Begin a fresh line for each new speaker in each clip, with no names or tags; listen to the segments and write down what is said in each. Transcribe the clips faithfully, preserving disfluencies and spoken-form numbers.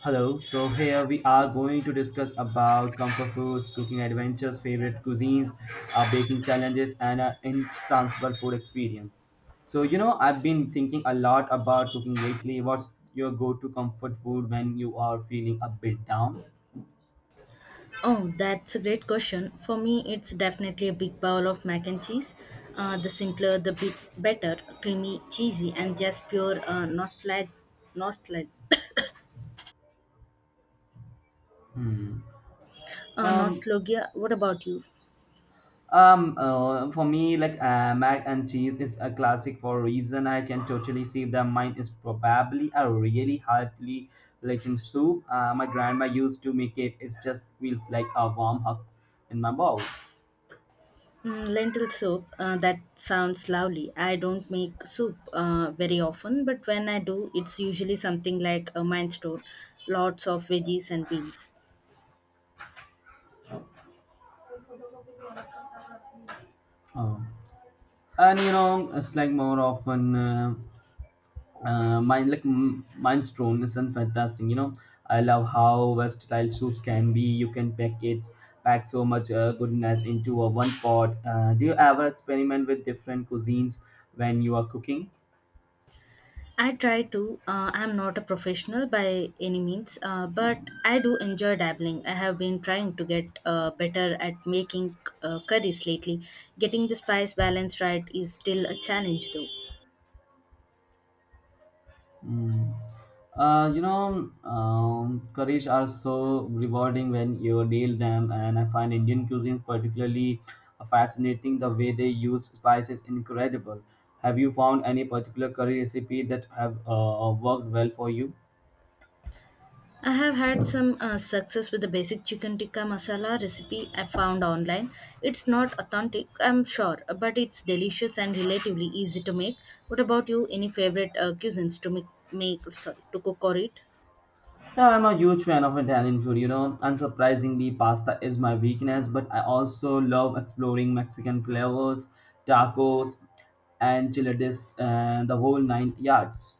Hello, so here we are going to discuss about comfort foods, cooking adventures, favorite cuisines, uh, baking challenges, and an intransferable food experience. So, you know, I've been thinking a lot about cooking lately. What's your go to comfort food when you are feeling a bit down?
Oh, that's a great question. For me, it's definitely a big bowl of mac and cheese. Uh, the simpler, the bit better, creamy, cheesy, and just pure uh, nostalgia. Nostalgia. Uh,
Um,
nostalgia. What about you?
Um, uh, for me, like uh, mac and cheese is a classic for a reason. I can totally see that mine is probably a really heartily legend soup. Uh, my grandma used to make it. It just feels like a warm hug in my mouth.
Mm, lentil soup. Uh, that sounds lovely. I don't make soup uh, very often, but when I do, it's usually something like a minestrone, lots of veggies and beans.
Oh, and you know, it's like more often. Uh, uh, mine like m- mine's drone is and fantastic, you know, I love how versatile soups can be. You can pack it pack so much uh, goodness into a one pot. Uh, do you ever experiment with different cuisines when you are cooking?
I try to. Uh, I'm not a professional by any means, uh, but I do enjoy dabbling. I have been trying to get uh, better at making uh, curries lately. Getting the spice balance right is still a challenge, though.
Mm. Uh, you know, um, curries are so rewarding when you deal them, and I find Indian cuisines particularly fascinating. The way they use spices incredible. Have you found any particular curry recipe that have uh, uh, worked well for you?
I have had some uh, success with the basic chicken tikka masala recipe I found online. It's not authentic, I'm sure, but it's delicious and relatively easy to make. What about you? Any favorite uh, cuisines to make, make sorry, to cook or eat?
Yeah, I'm a huge fan of Italian food. You know, unsurprisingly, pasta is my weakness, but I also love exploring Mexican flavors, tacos, and enchiladas, and the whole nine yards.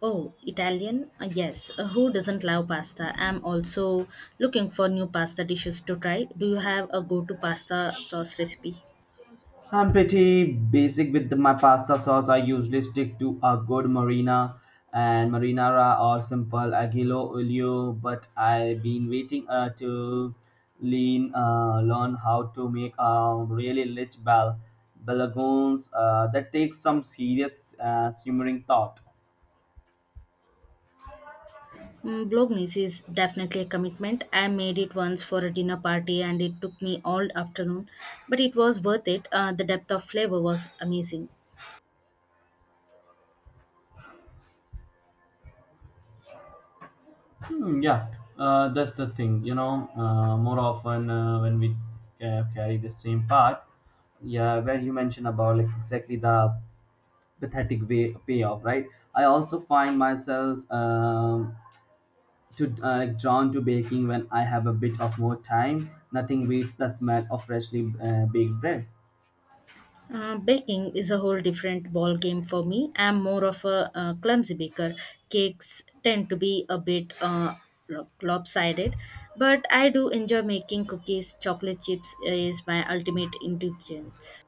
Oh, Italian? Uh, Yes. Uh, Who doesn't love pasta? I'm also looking for new pasta dishes to try. Do you have a go to pasta sauce recipe?
I'm pretty basic with my pasta sauce. I usually stick to a good marina and marinara or simple aglio olio, but I've been waiting uh, to lean uh, learn how to make a really rich bal balagoons, uh, that takes some serious uh, simmering thought.
Mm, Bolognese is definitely a commitment. I made it once for a dinner party and it took me all afternoon, but it was worth it. Uh, the depth of flavor was amazing.
Hmm, yeah, uh, that's the thing. You know, uh, more often uh, when we uh, carry the same part, yeah, where you mentioned about like exactly the pathetic way payoff, right? I also find myself, um, to uh, like drawn to baking when I have a bit of more time. Nothing beats the smell of freshly uh, baked bread.
Uh, baking is a whole different ball game for me. I'm more of a uh, clumsy baker. Cakes tend to be a bit uh, lo- lopsided, but I do enjoy making cookies. Chocolate chips is my ultimate indulgence.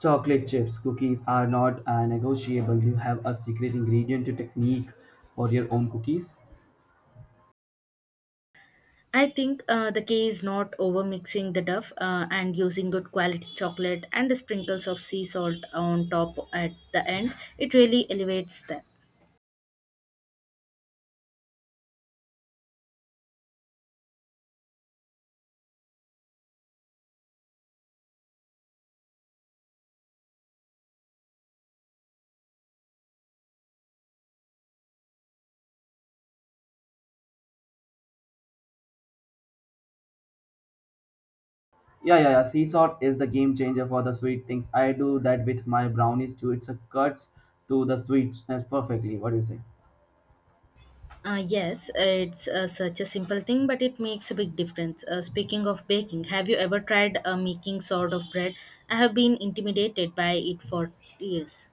Chocolate chips cookies are not uh, negotiable. You have a secret ingredient to technique for your own cookies?
I think uh, the key is not over mixing the dough uh, and using good quality chocolate and the sprinkles of sea salt on top at the end. It really elevates them.
Yeah, yeah, yeah, sea salt is the game changer for the sweet things. I do that with my brownies too. It's a cuts to the sweetness perfectly. What do you say?
Uh, yes, it's uh, such a simple thing, but it makes a big difference. Uh, speaking of baking, have you ever tried uh, making sort of bread? I have been intimidated by it for years.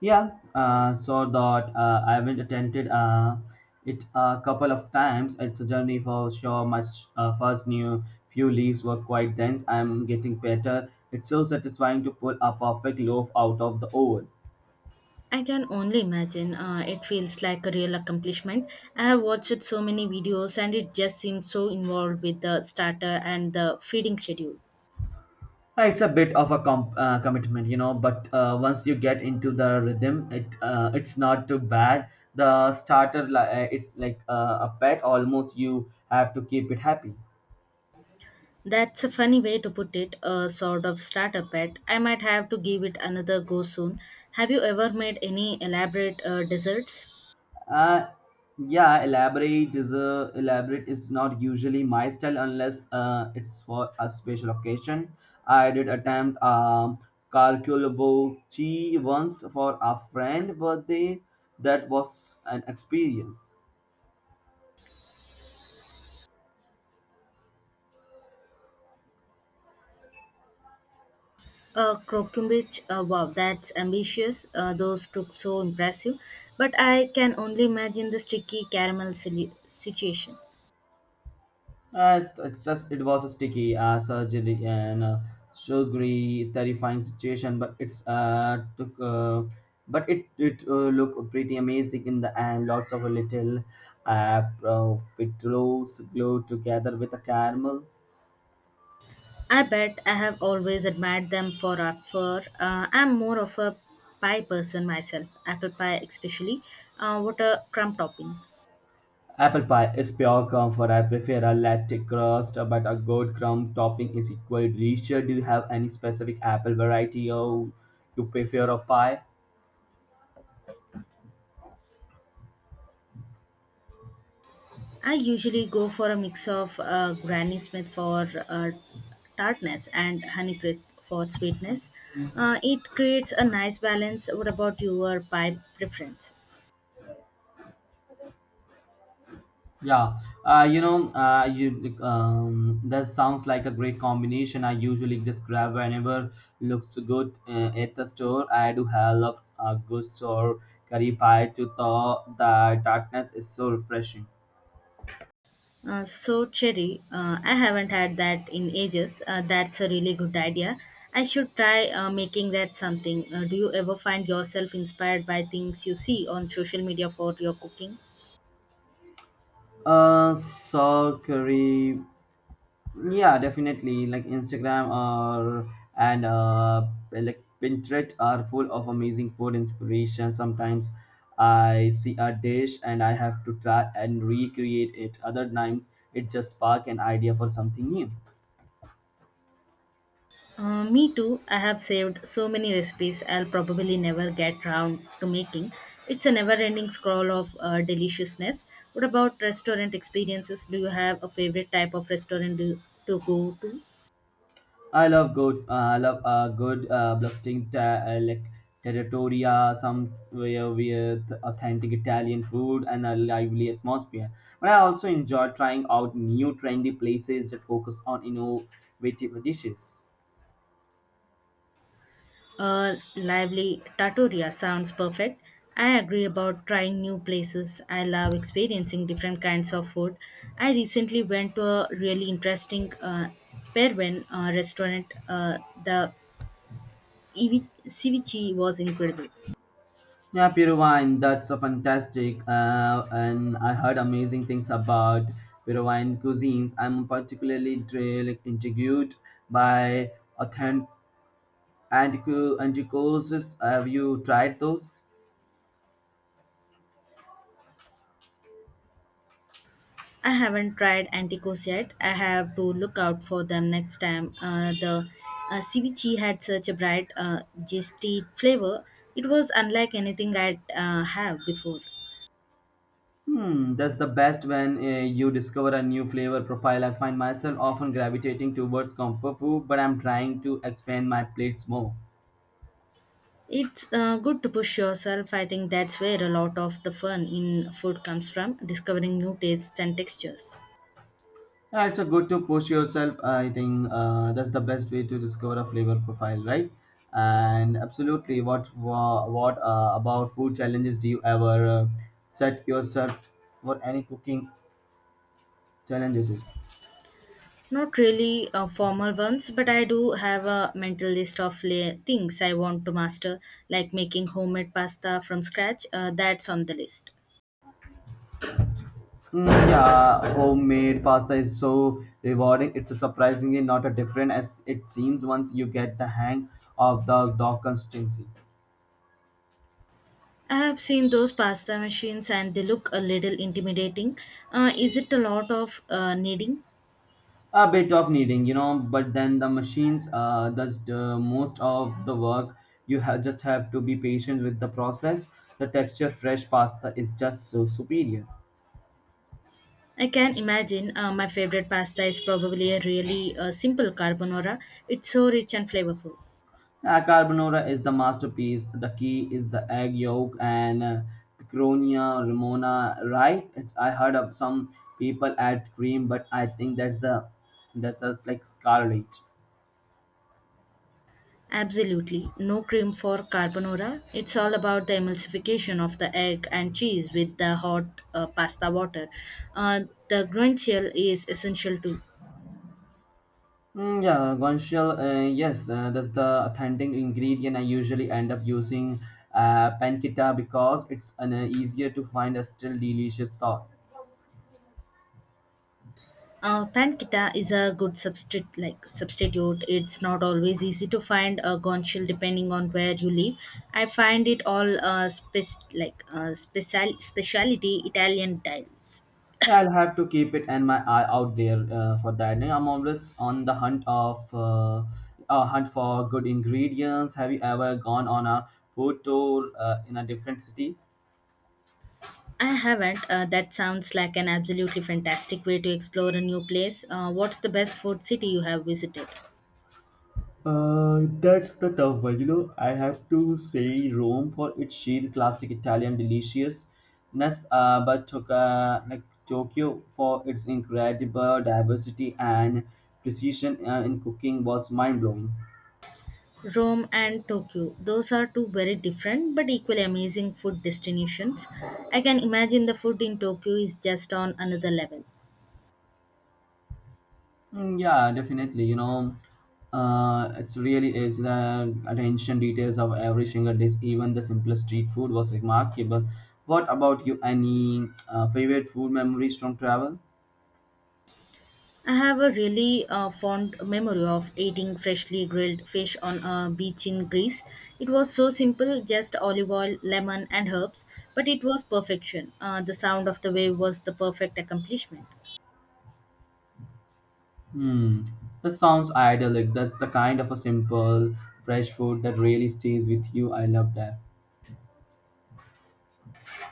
Yeah, uh, so that uh, I haven't attended uh, it a couple of times. It's a journey for sure. My s- uh, first new few leaves were quite dense. I'm getting better. It's so satisfying to pull a perfect loaf out of the oven.
I can only imagine. Uh, it feels like a real accomplishment. I have watched so many videos, and it just seems so involved with the starter and the feeding schedule.
Uh, It's a bit of a comp- uh, commitment, you know, but uh, once you get into the rhythm, it uh, it's not too bad. The starter, li- uh, it's like uh, a pet. Almost you have to keep it happy.
That's a funny way to put it, a sort of starter pet. I might have to give it another go soon. Have you ever made any elaborate uh, desserts?
Uh, yeah, elaborate is a elaborate is not usually my style unless uh, it's for a special occasion. I did attempt um calculable once for a friend birthday. That was an experience.
Uh, Krokumbich, uh, wow, that's ambitious. Uh, those look so impressive. But I can only imagine the sticky caramel sili- situation.
Yes, it's just it was a sticky, uh, surgery and uh, sugary, terrifying situation, but it's uh took uh, but it it uh, looked pretty amazing in the end. Lots of little uh profiteroles glued together with a caramel.
I bet I have always admired them for our fur. Uh, I'm more of a pie person myself, apple pie especially. Uh, what a crumb topping.
Apple pie is pure comfort. I prefer a latte crust, but a good crumb topping is equally delicious. Do you have any specific apple variety or you prefer a pie?
I usually go for a mix of uh, Granny Smith for uh, tartness and honey crisp for sweetness. Uh, it creates a nice balance. What about your pie preferences?
Yeah, uh, you know, uh, you um, that sounds like a great combination. I usually just grab whenever looks good uh, at the store. I do have love uh, goose or curry pie to thaw. The darkness is so refreshing.
Uh, so, Cherry, uh, I haven't had that in ages. Uh, that's a really good idea. I should try uh, making that something. Uh, do you ever find yourself inspired by things you see on social media for your cooking?
Uh, so curry. Yeah, definitely like Instagram or and uh, like Pinterest are full of amazing food inspiration. Sometimes I see a dish and I have to try and recreate it. Other times it just spark an idea for something new.
Uh, me too. I have saved so many recipes I'll probably never get round to making. It's a never ending scroll of uh, deliciousness. What about restaurant experiences? Do you have a favorite type of restaurant do, to go to?
I love good. Uh, I love a good uh, blasting ta- uh, like territoria, somewhere with authentic Italian food and a lively atmosphere. But I also enjoy trying out new trendy places that focus on innovative dishes.
A lively Trattoria sounds perfect. I agree about trying new places. I love experiencing different kinds of food. I recently went to a really interesting uh, Peruvian uh, restaurant. Uh, the evi- ceviche was incredible.
Yeah, Peru wine. That's a fantastic. Uh, and I heard amazing things about Peruvian cuisines. I'm particularly dri- like, intrigued by authentic antico- anticosis. Have you tried those?
I haven't tried anticos yet. I have to look out for them next time. Uh, the uh, ceviche had such a bright, uh, zesty flavor. It was unlike anything I'd uh, have before.
Hmm, that's the best when uh, you discover a new flavor profile. I find myself often gravitating towards comfort food, but I'm trying to expand my plates more.
It's uh, good to push yourself. I think that's where a lot of the fun in food comes from discovering new tastes and textures.
Yeah, it's a good to push yourself. I think uh, that's the best way to discover a flavor profile, right? And absolutely, what wha- what uh, about food challenges? Do you ever uh, set yourself for any cooking challenges?
Not really uh, formal ones, but I do have a mental list of la- things I want to master, like making homemade pasta from scratch. Uh, that's on the list.
Mm, yeah, homemade pasta is so rewarding. It's surprisingly not as different as it seems once you get the hang of the dough consistency.
I have seen those pasta machines and they look a little intimidating. Uh, is it a lot of uh, kneading?
A bit of kneading, you know, but then the machines uh, does the most of the work. You ha- just have to be patient with the process. The texture fresh pasta is just so superior.
I can imagine uh, my favorite pasta is probably a really uh, simple carbonara. It's so rich and flavorful.
Uh, carbonara is the masterpiece. The key is the egg yolk and, uh, Picronia Ramona, right? It's, I heard of some people add cream, but I think that's the that's just like scarlet.
Absolutely. No cream for carbonara. It's all about the emulsification of the egg and cheese with the hot uh, pasta water. Uh, the guanciale is essential too.
Mm, yeah, guanciale. Uh, yes, uh, that's the authentic ingredient. I usually end up using uh, pancetta because it's an uh, easier to find a still delicious thought.
Uh, pancetta is a good substitute. Like substitute, it's not always easy to find a guanciale depending on where you live. I find it all uh, spec- like uh, special speciality Italian tiles.
Yeah, I'll have to keep it and my eye out there uh, for that. Now, I'm always on the hunt of uh, uh, hunt for good ingredients. Have you ever gone on a food tour uh, in a different cities?
I haven't. Uh, that sounds like an absolutely fantastic way to explore a new place. Uh, what's the best food city you have visited?
Uh, that's the tough one. You know, I have to say Rome for its sheer classic Italian deliciousness, uh, but took, uh, like Tokyo for its incredible diversity and precision uh, in cooking was mind blowing.
Rome and Tokyo. Those are two very different but equally amazing food destinations. I can imagine the food in Tokyo is just on another level.
Mm, yeah, definitely. You know, uh, it's really is the attention details of every single dish, even the simplest street food was remarkable. What about you? Any uh, favorite food memories from travel?
I have a really uh, fond memory of eating freshly grilled fish on a beach in Greece. It was so simple, just olive oil, lemon, and herbs, but it was perfection. Uh, the sound of the wave was the perfect accomplishment.
Hmm, that sounds idyllic. That's the kind of a simple, fresh food that really stays with you. I love that.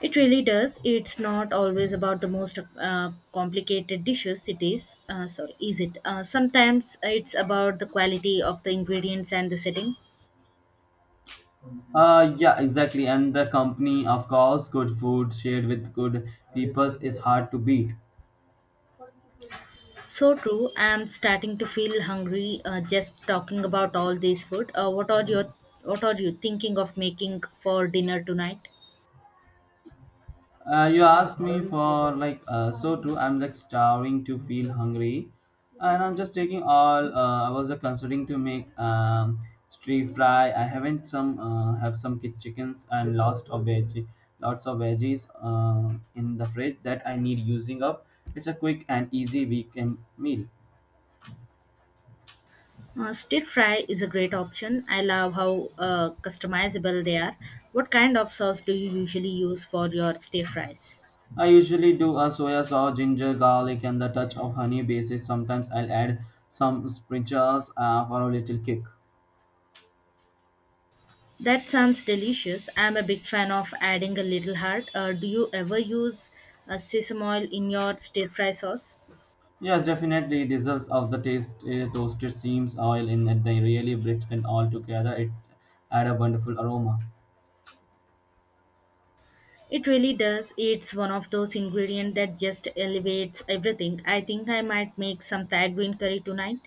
It really does. It's not always about the most uh, complicated dishes. It is. Uh, sorry, is it? Uh, sometimes it's about the quality of the ingredients and the setting.
Uh, yeah, exactly. And the company, of course, good food shared with good peoples is hard to beat.
So true. I'm starting to feel hungry uh, just talking about all this food. Uh, what are your What are you thinking of making for dinner tonight?
Uh, you asked me for like uh, so too. I'm like starving to feel hungry, and I'm just taking all. Uh, I was uh, considering to make, um, stir fry. I haven't some uh, Have some ki- chickens and lots of veggie, lots of veggies uh, in the fridge that I need using up. It's a quick and easy weekend meal.
Uh, stir fry is a great option. I love how uh, customizable they are. What kind of sauce do you usually use for your stir fries?
I usually do a soya sauce, ginger, garlic, and the touch of honey basis. Sometimes I'll add some sprinkles uh, for a little kick.
That sounds delicious. I'm a big fan of adding a little heart. Uh, do you ever use uh, sesame oil in your stir fry sauce?
Yes, definitely. The results of the taste uh, toasted seams oil in it, they really bridge and all together. It add a wonderful aroma.
It really does. It's one of those ingredients that just elevates everything. I think I might make some Thai green curry tonight.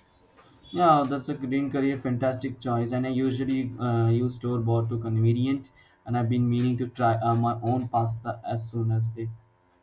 Yeah, that's a green curry, fantastic choice. And I usually uh, use store bought to convenient, and I've been meaning to try uh, my own pasta as soon as it